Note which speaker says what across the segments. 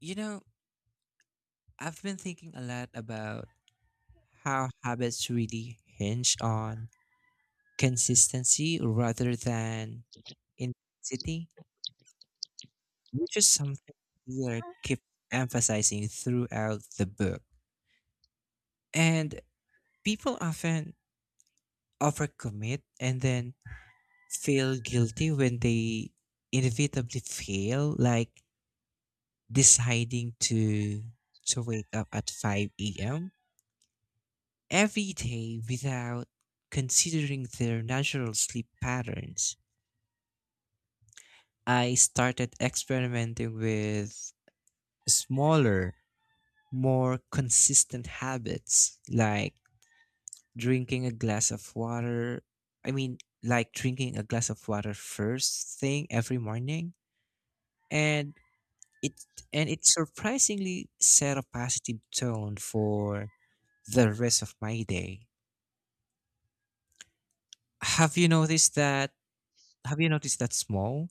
Speaker 1: You know, I've been thinking a lot about how habits really hinge on consistency rather than intensity, which is something Taylor keeps emphasizing throughout the book. And people often overcommit and then feel guilty when they inevitably fail, like deciding to wake up at 5 a.m. every day without considering their natural sleep patterns. I started experimenting with smaller, more consistent habits like drinking a glass of water. Drinking a glass of water first thing every morning, and it it surprisingly set a positive tone for the rest of my day. Have you noticed that have you noticed that small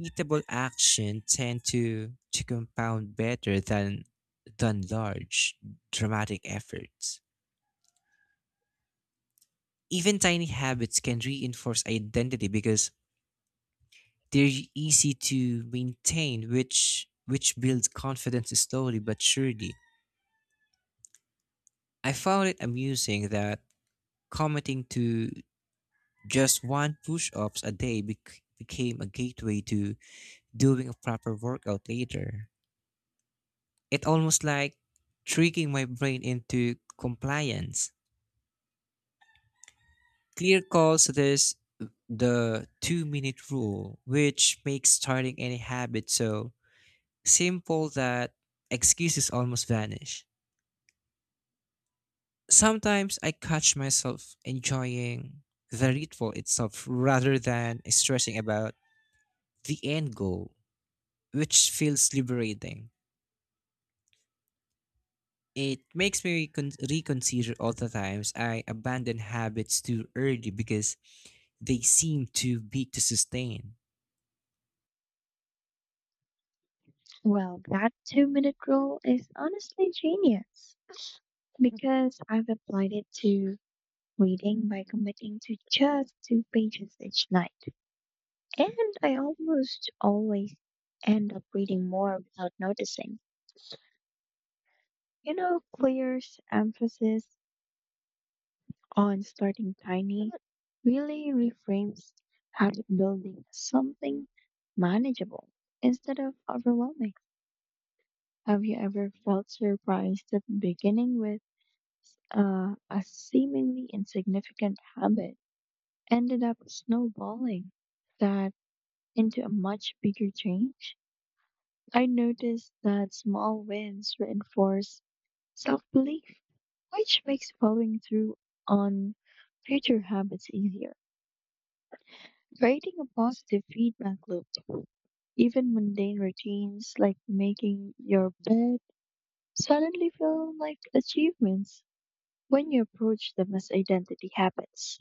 Speaker 1: repeatable action tend to compound better than large, dramatic efforts? Even tiny habits can reinforce identity because they're easy to maintain, which builds confidence slowly but surely. I found it amusing that committing to just one push ups a day became a gateway to doing a proper workout later. It almost like tricking my brain into compliance. Clear calls this the two-minute rule, which makes starting any habit so simple that excuses almost vanish. Sometimes I catch myself enjoying the ritual itself rather than stressing about the end goal, which feels liberating. It makes me reconsider all the times I abandon habits too early because they seem too big to sustain.
Speaker 2: Well, that 2-minute rule is honestly genius because I've applied it to reading by committing to just two pages each night. And I almost always end up reading more without noticing. You know, Clear's emphasis on starting tiny really reframes habit building as something manageable instead of overwhelming. Have you ever felt surprised at beginning with a seemingly insignificant habit ended up snowballing that into a much bigger change? I noticed that small wins reinforce self belief, which makes following through on future habits easier. Creating a positive feedback loop, even mundane routines like making your bed suddenly feel like achievements when you approach them as identity habits.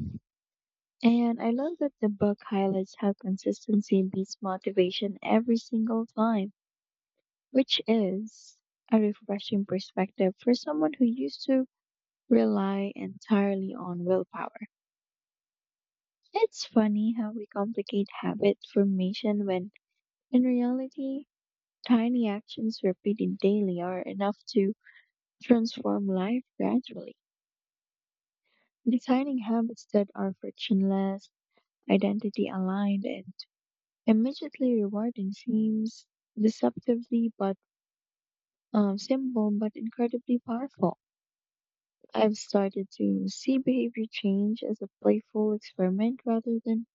Speaker 2: And I love that the book highlights how consistency beats motivation every single time, which is a refreshing perspective for someone who used to rely entirely on willpower. It's funny how we complicate habit formation when, in reality, tiny actions repeated daily are enough to transform life gradually. Designing habits that are frictionless, identity aligned, and immediately rewarding seems deceptively but simple but incredibly powerful. I've started to see behavior change as a playful experiment rather than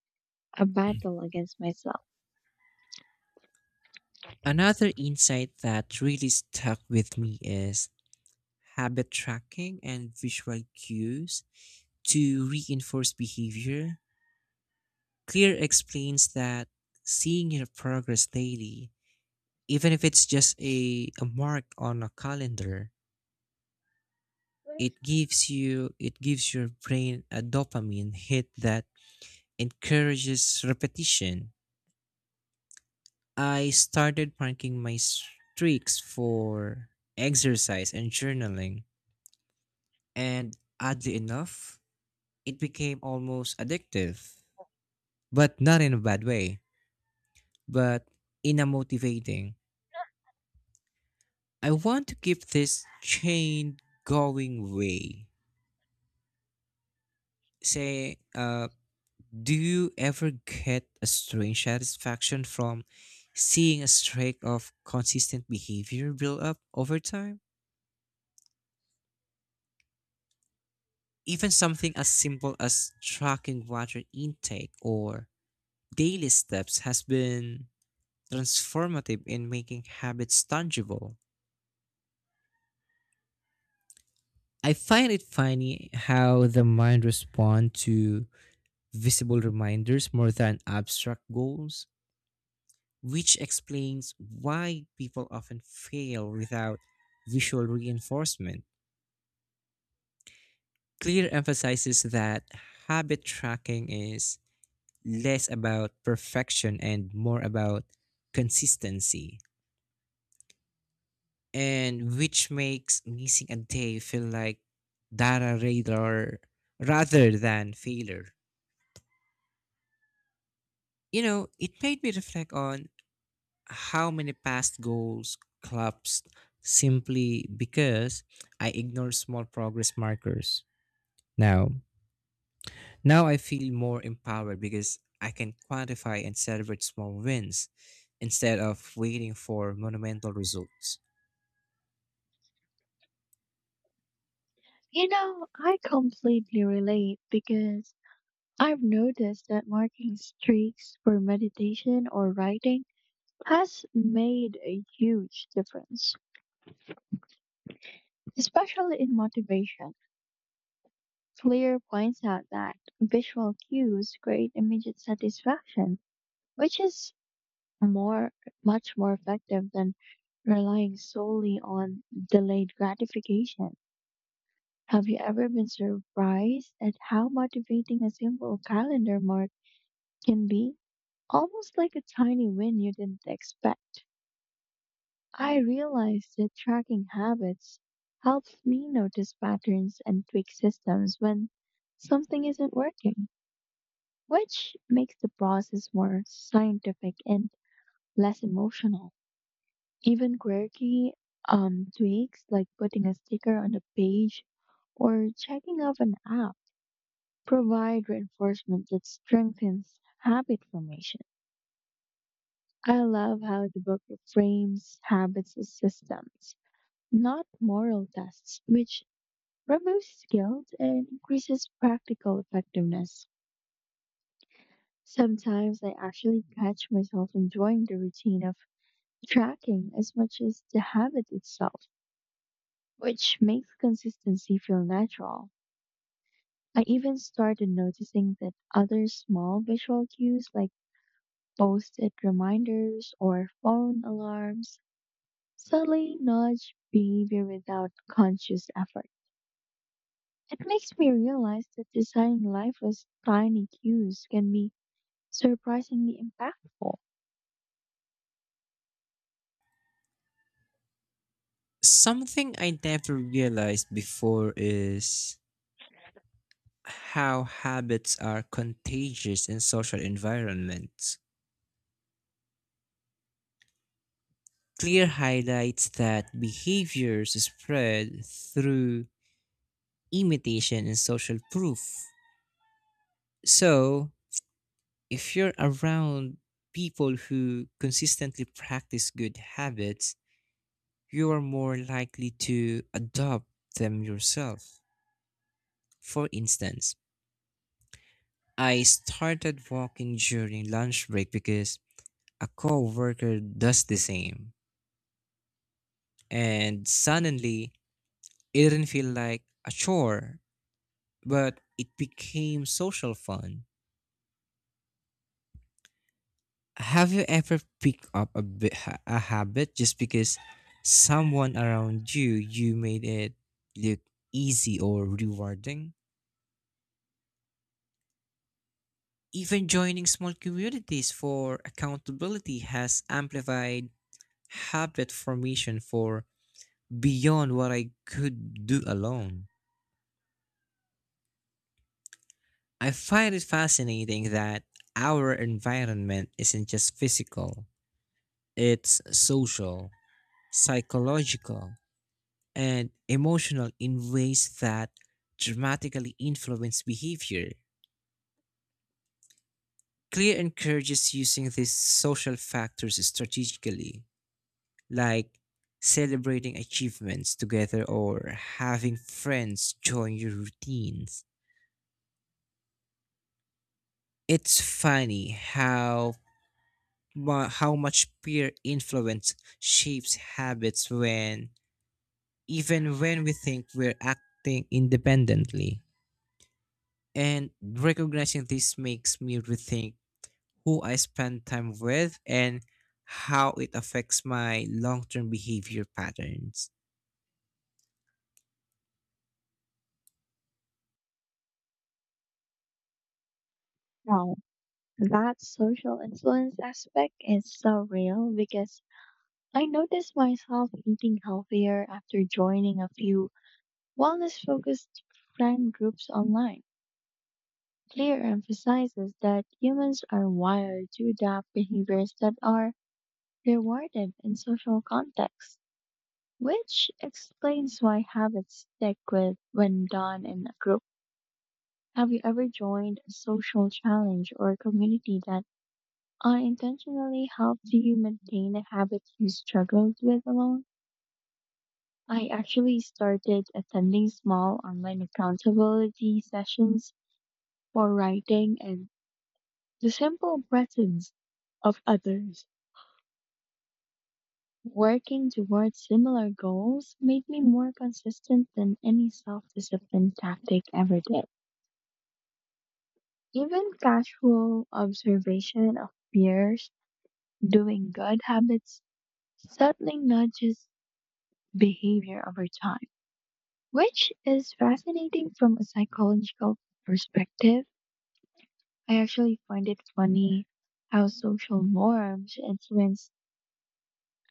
Speaker 2: a battle against myself.
Speaker 1: Another insight that really stuck with me is habit tracking and visual cues to reinforce behavior. Clear explains that seeing your progress daily, even if it's just a mark on a calendar, it gives your brain a dopamine hit that encourages repetition. I started marking my streaks for exercise and journaling, and oddly enough, it became almost addictive, but not in a bad way, but in a motivating I want to keep this chain going way. Say, do you ever get a strange satisfaction from seeing a streak of consistent behavior build up over time? Even something as simple as tracking water intake or daily steps has been transformative in making habits tangible. I find it funny how the mind responds to visible reminders more than abstract goals, which explains why people often fail without visual reinforcement. Clear emphasizes that habit tracking is less about perfection and more about consistency, and which makes missing a day feel like data radar rather than failure. You know, it made me reflect on how many past goals collapsed simply because I ignored small progress markers. Now, Now I feel more empowered because I can quantify and celebrate small wins instead of waiting for monumental results.
Speaker 2: You know, I completely relate because I've noticed that marking streaks for meditation or writing has made a huge difference. Especially in motivation, Fleer points out that visual cues create immediate satisfaction, which is more much more effective than relying solely on delayed gratification. Have you ever been surprised at how motivating a simple calendar mark can be? Almost like a tiny win you didn't expect. I realized that tracking habits helps me notice patterns and tweak systems when something isn't working, which makes the process more scientific and less emotional. Even quirky tweaks like putting a sticker on a page or checking off an app provide reinforcement that strengthens habit formation. I love how the book frames habits as systems, not moral tests, which removes guilt and increases practical effectiveness. Sometimes I actually catch myself enjoying the routine of tracking as much as the habit itself, which makes consistency feel natural. I even started noticing that other small visual cues like post it reminders or phone alarms subtly nudge behavior without conscious effort. It makes me realize that designing life with tiny cues can be surprisingly impactful.
Speaker 1: Something I never realized before is how habits are contagious in social environments. Clear highlights that behaviors spread through imitation and social proof. So, if you're around people who consistently practice good habits, you are more likely to adopt them yourself. For instance, I started walking during lunch break because a coworker does the same. And suddenly, it didn't feel like a chore, but it became social fun. Have you ever picked up a habit just because someone around you made it look easy or rewarding? Even joining small communities for accountability has amplified habit formation for beyond what I could do alone. I find it fascinating that our environment isn't just physical, it's social, psychological, and emotional in ways that dramatically influence behavior. Clear encourages using these social factors strategically, like celebrating achievements together or having friends join your routines. It's funny how how much peer influence shapes habits when even when we think we're acting independently. And recognizing this makes me rethink who I spend time with, and how it affects my long term behavior patterns.
Speaker 2: Now, that social influence aspect is so real because I noticed myself eating healthier after joining a few wellness focused friend groups online. Clear emphasizes that humans are wired to adapt behaviors that are rewarded in social contexts, which explains why habits stick with when done in a group. Have you ever joined a social challenge or community that unintentionally, how do you maintain a habit you struggled with alone? I actually started attending small online accountability sessions for writing, and the simple presence of others, working towards similar goals, made me more consistent than any self discipline tactic ever did. Even casual observation of peers doing good habits subtly nudges behavior over time, which is fascinating from a psychological perspective. I actually find it funny how social norms influence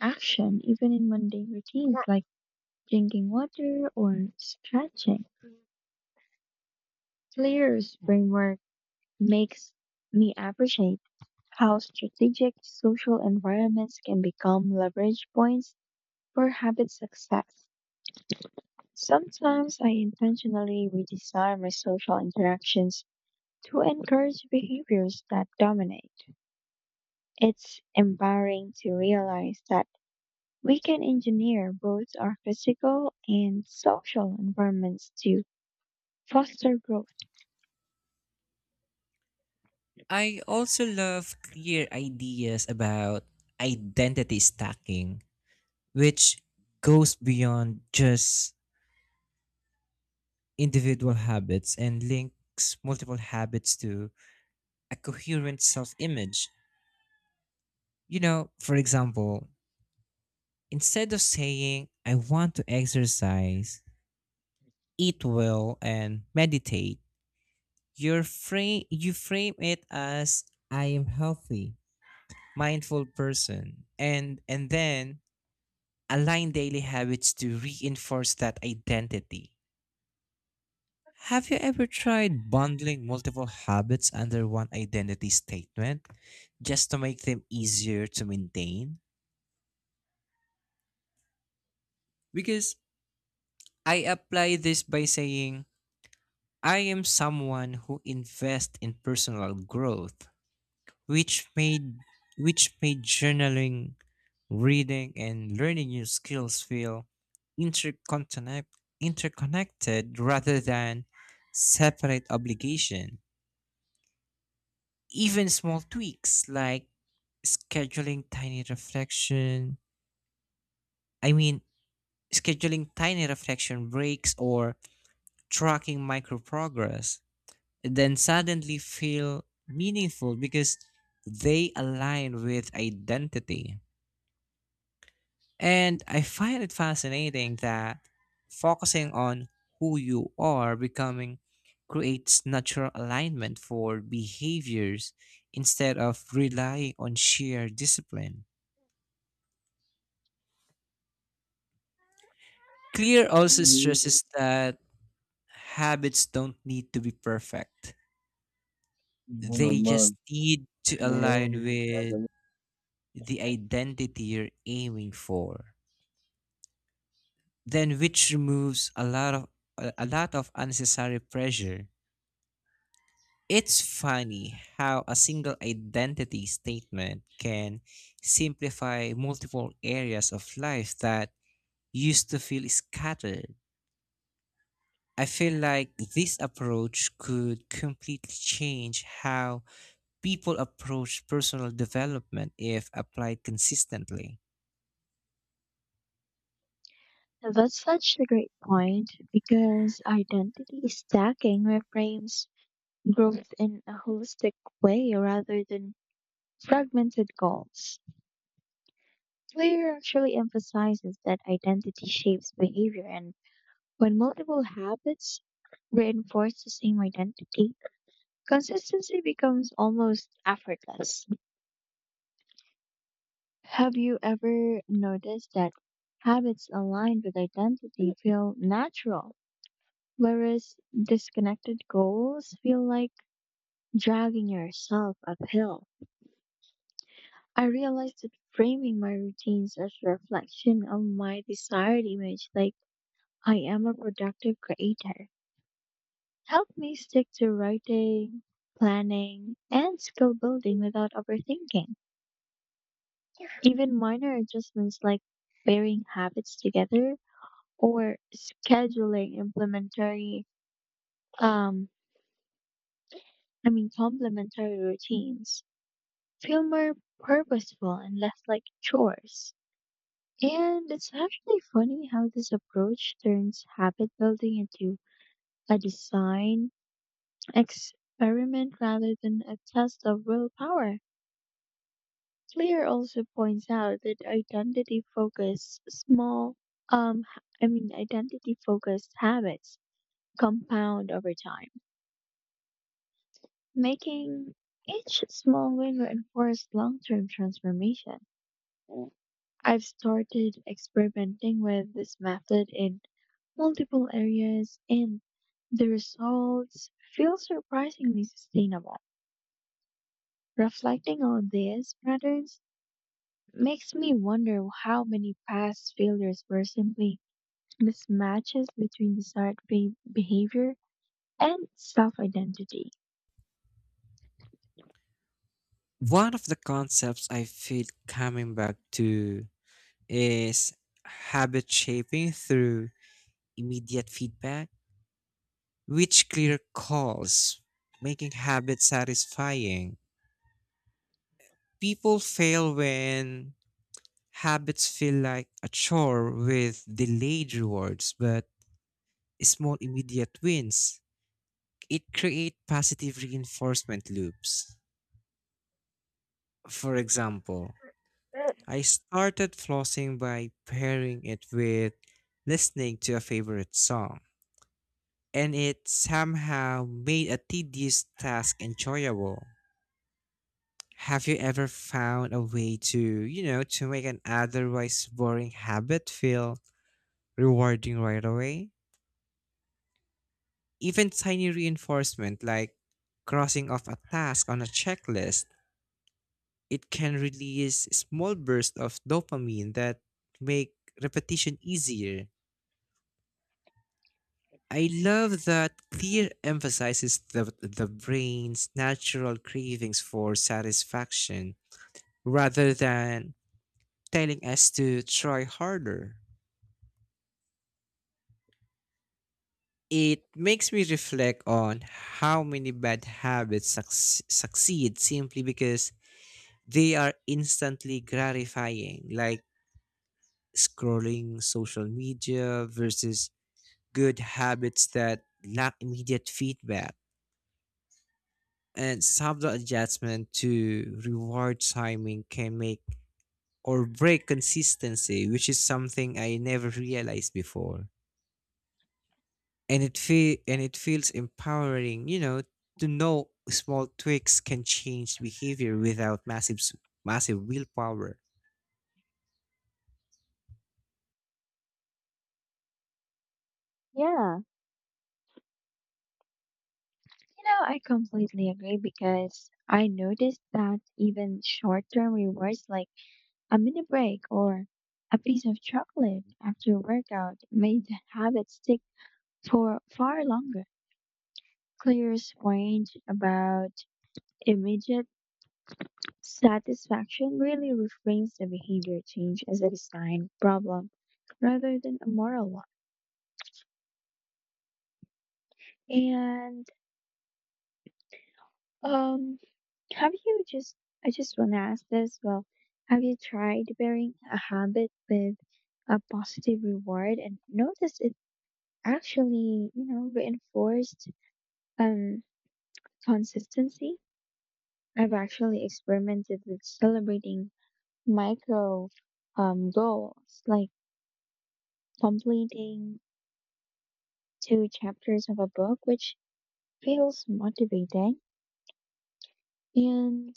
Speaker 2: action, even in mundane routines like drinking water or stretching. Clear's framework makes me appreciate how strategic social environments can become leverage points for habit success. Sometimes I intentionally redesign my social interactions to encourage behaviors that dominate. It's empowering to realize that we can engineer both our physical and social environments to foster growth.
Speaker 1: I also love clear ideas about identity stacking, which goes beyond just individual habits and links multiple habits to a coherent self image. You know, for example, instead of saying, I want to exercise, eat well, and meditate, you frame it as, I am healthy, mindful person. And then align daily habits to reinforce that identity. Have you ever tried bundling multiple habits under one identity statement just to make them easier to maintain? Because I apply this by saying, I am someone who invests in personal growth, which made which made journaling, reading, and learning new skills feel interconnect, interconnected rather than separate obligation. Even small tweaks like scheduling tiny reflection, I mean, scheduling tiny reflection breaks or tracking micro progress, then suddenly feel meaningful because they align with identity. And I find it fascinating that focusing on who you are becoming creates natural alignment for behaviors instead of relying on sheer discipline. Clear also stresses that habits don't need to be perfect. They just need to align with the identity you're aiming for. Then which removes a lot of unnecessary pressure. It's funny how a single identity statement can simplify multiple areas of life that used to feel scattered. I feel like this approach could completely change how people approach personal development if applied consistently.
Speaker 2: That's such a great point because identity stacking reframes growth in a holistic way rather than fragmented goals. Clear actually emphasizes that identity shapes behavior, and when multiple habits reinforce the same identity, consistency becomes almost effortless. Have you ever noticed that habits aligned with identity feel natural, whereas disconnected goals feel like dragging yourself uphill? I realized that framing my routines as reflection of my desired image, like I am a productive creator, helped me stick to writing, planning, and skill building without overthinking. Even minor adjustments like pairing habits together or scheduling um, complementary routines feel more purposeful and less like chores. And it's actually funny how this approach turns habit building into a design experiment rather than a test of willpower. Clear also points out that identity focused small h- I mean identity focused habits compound over time, making each small win reinforce long-term transformation. I've started experimenting with this method in multiple areas, and the results feel surprisingly sustainable. Reflecting on these patterns makes me wonder how many past failures were simply mismatches between desired behavior and self identity.
Speaker 1: One of the concepts I feel coming back to is habit shaping through immediate feedback, which clear calls, making habits satisfying. People fail when habits feel like a chore with delayed rewards, but small immediate wins. It create positive reinforcement loops. For example, I started flossing by pairing it with listening to a favorite song, and it somehow made a tedious task enjoyable. Have you ever found a way to, you know, to make an otherwise boring habit feel rewarding right away? Even tiny reinforcement like crossing off a task on a checklist, it can release small bursts of dopamine that make repetition easier. I love that Clear emphasizes the brain's natural cravings for satisfaction rather than telling us to try harder. It makes me reflect on how many bad habits succeed simply because they are instantly gratifying, like scrolling social media versus good habits that lack immediate feedback, and subtle adjustment to reward timing can make or break consistency, which is something I never realized before, and it feels empowering, you know, to know small tweaks can change behavior without massive willpower.
Speaker 2: Yeah, you know, I completely agree because I noticed that even short term rewards like a mini break or a piece of chocolate after a workout made the habit stick for far longer. Clear point about immediate satisfaction really reframes the behavior change as a design problem rather than a moral one. And um, have you just, I just want to ask this, well, have you tried pairing a habit with a positive reward and noticed it actually, reinforced um consistency? I've actually experimented with celebrating micro goals like completing two chapters of a book, which feels motivating. And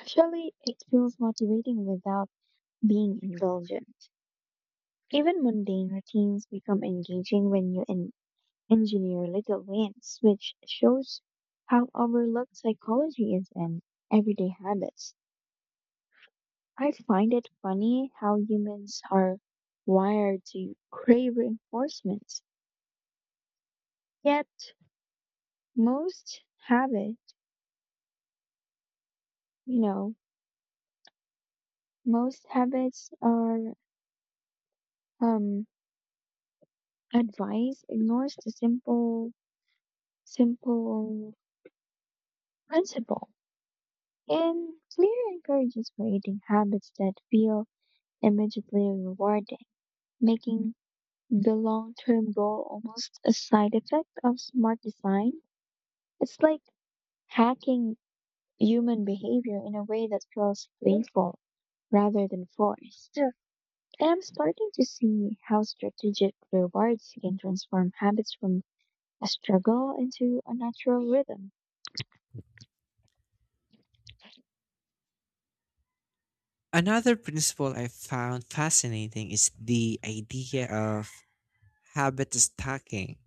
Speaker 2: actually, it feels motivating without being indulgent. Even mundane routines become engaging when you engineer little wins, which shows how overlooked psychology is in everyday habits. I find it funny how humans are wired to crave reinforcement. Yet, most habits, you know, most habits are um, advice ignores the simple principle, and Clear encourages creating habits that feel immediately rewarding, making the long-term goal almost a side effect of smart design. It's like hacking human behavior in a way that feels playful rather than forced. Yeah. And I'm starting to see how strategic rewards can transform habits from a struggle into a natural rhythm.
Speaker 1: Another principle I found fascinating is the idea of habit stacking,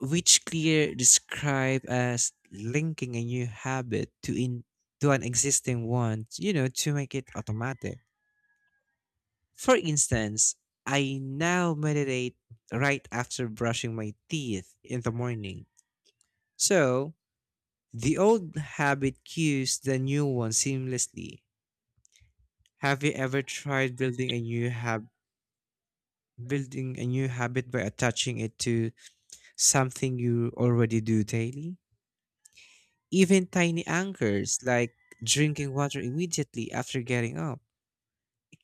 Speaker 1: which Clear described as linking a new habit to an existing one, you know, to make it automatic. For instance, I now meditate right after brushing my teeth in the morning. So, the old habit cues the new one seamlessly. Have you ever tried building a new habit by attaching it to something you already do daily? Even tiny anchors like drinking water immediately after getting up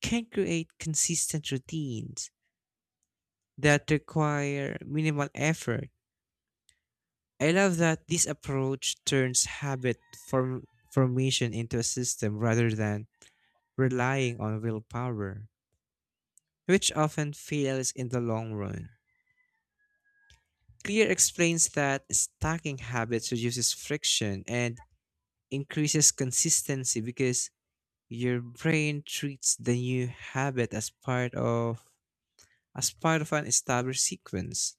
Speaker 1: can create consistent routines that require minimal effort. I love that this approach turns form- formation into a system rather than relying on willpower, which often fails in the long run. Clear explains that stacking habits reduces friction and increases consistency because your brain treats the new habit as part of an established sequence.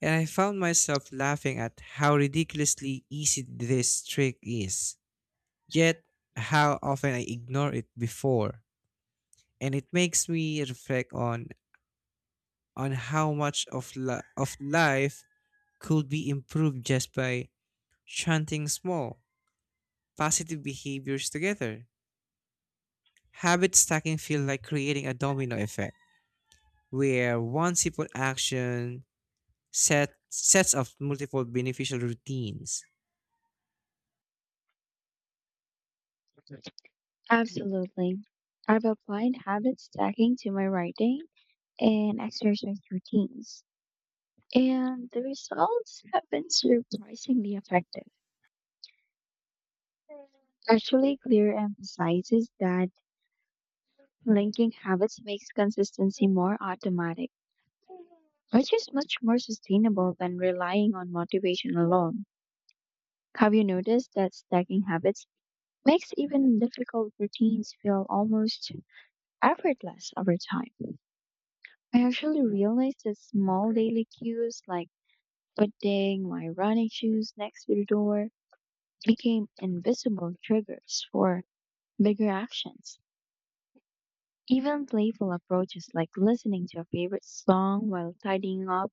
Speaker 1: And I found myself laughing at how ridiculously easy this trick is, yet how often I ignore it before. And it makes me reflect on how much of of life could be improved just by chanting small positive behaviors together. Habit stacking feels like creating a domino effect where one simple action sets up multiple beneficial routines.
Speaker 2: Absolutely. I've applied habit stacking to my writing and exercise routines, and the results have been surprisingly effective. Actually, Clear emphasizes that linking habits makes consistency more automatic, which is much more sustainable than relying on motivation alone. Have you noticed that stacking habits makes even difficult routines feel almost effortless over time? I actually realized that small daily cues like putting my running shoes next to the door became invisible triggers for bigger actions. Even playful approaches like listening to a favorite song while tidying up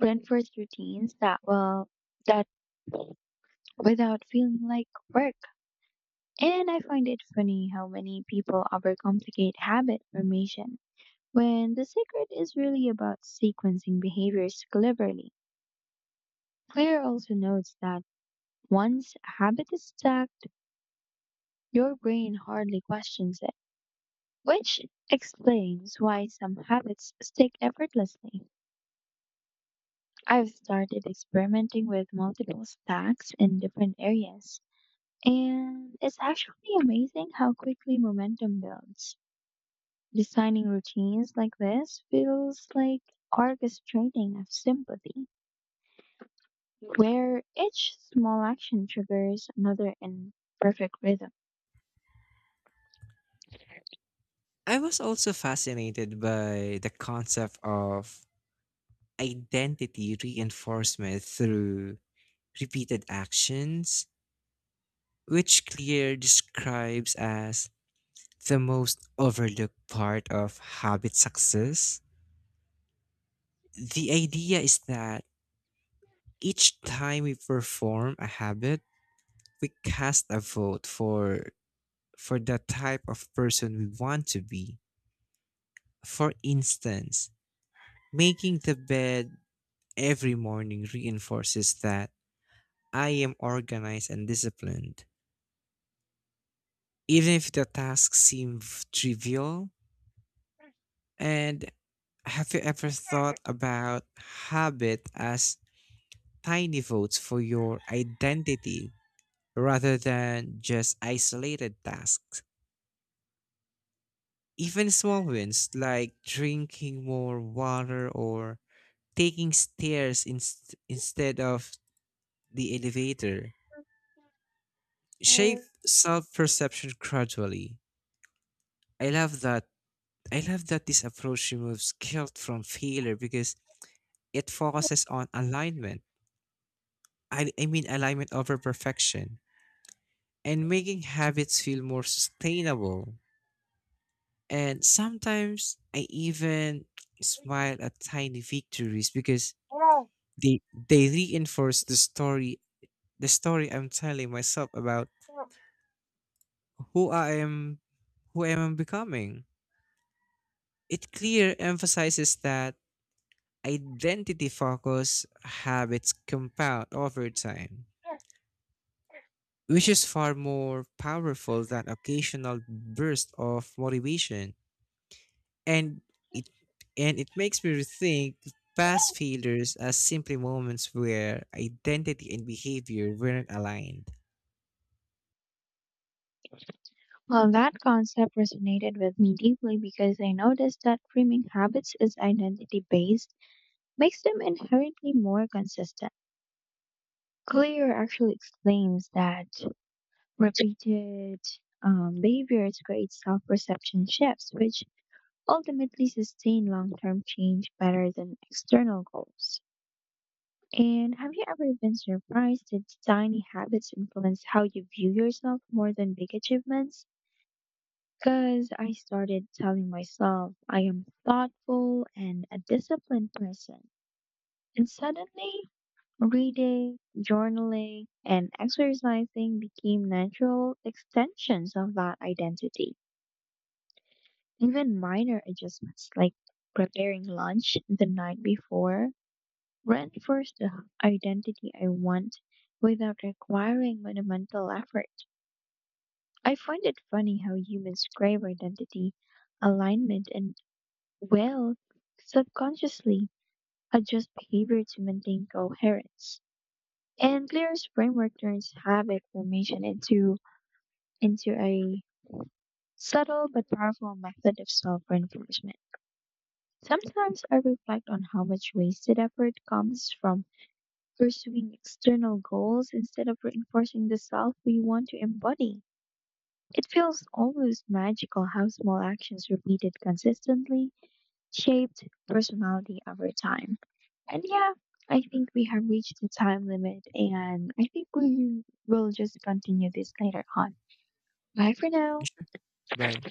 Speaker 2: reinforce routines that well that without feeling like work. And I find it funny how many people overcomplicate habit formation when the secret is really about sequencing behaviors cleverly. Claire also notes that once a habit is stacked, your brain hardly questions it, which explains why some habits stick effortlessly. I've started experimenting with multiple stacks in different areas, and it's actually amazing how quickly momentum builds. Designing routines like this feels like orchestrating of sympathy, where each small action triggers another in perfect rhythm.
Speaker 1: I was also fascinated by the concept of identity reinforcement through repeated actions, which Clear describes as the most overlooked part of habit success. The idea is that each time we perform a habit, we cast a vote for the type of person we want to be. For instance, making the bed every morning reinforces that I am organized and disciplined even if the tasks seem trivial. And have you ever thought about habit as tiny votes for your identity rather than just isolated tasks? Even small wins like drinking more water or taking stairs instead of the elevator shape self-perception gradually. I love that. I love that this approach removes guilt from failure because it focuses on alignment. Alignment over perfection and making habits feel more sustainable. And sometimes I even smile at tiny victories because they they reinforce the story I'm telling myself about who I am who I am becoming. It clear emphasizes that identity focus habits compound over time, which is far more powerful than occasional burst of motivation. And it and it makes me rethink past failures as simply moments where identity and behavior weren't aligned.
Speaker 2: Well, that concept resonated with me deeply because I noticed that framing habits as identity based makes them inherently more consistent. Clear actually explains that repeated behaviors create self perception shifts, which ultimately sustain long term change better than external goals. And have you ever been surprised that tiny habits influence how you view yourself more than big achievements? Because I started telling myself I am thoughtful and a disciplined person. And suddenly, reading, journaling, and exercising became natural extensions of that identity. Even minor adjustments like preparing lunch the night before reinforced the identity I want without requiring monumental effort. I find it funny how humans crave identity alignment and, well, subconsciously adjust behavior to maintain coherence. And Clear's framework turns habit formation into a subtle but powerful method of self-reinforcement. Sometimes I reflect on how much wasted effort comes from pursuing external goals instead of reinforcing the self we want to embody. It feels almost magical how small actions repeated consistently shaped personality over time. And yeah, I think we have reached the time limit, and I think we will just continue this later on. Bye for now.
Speaker 1: Sure. Bye.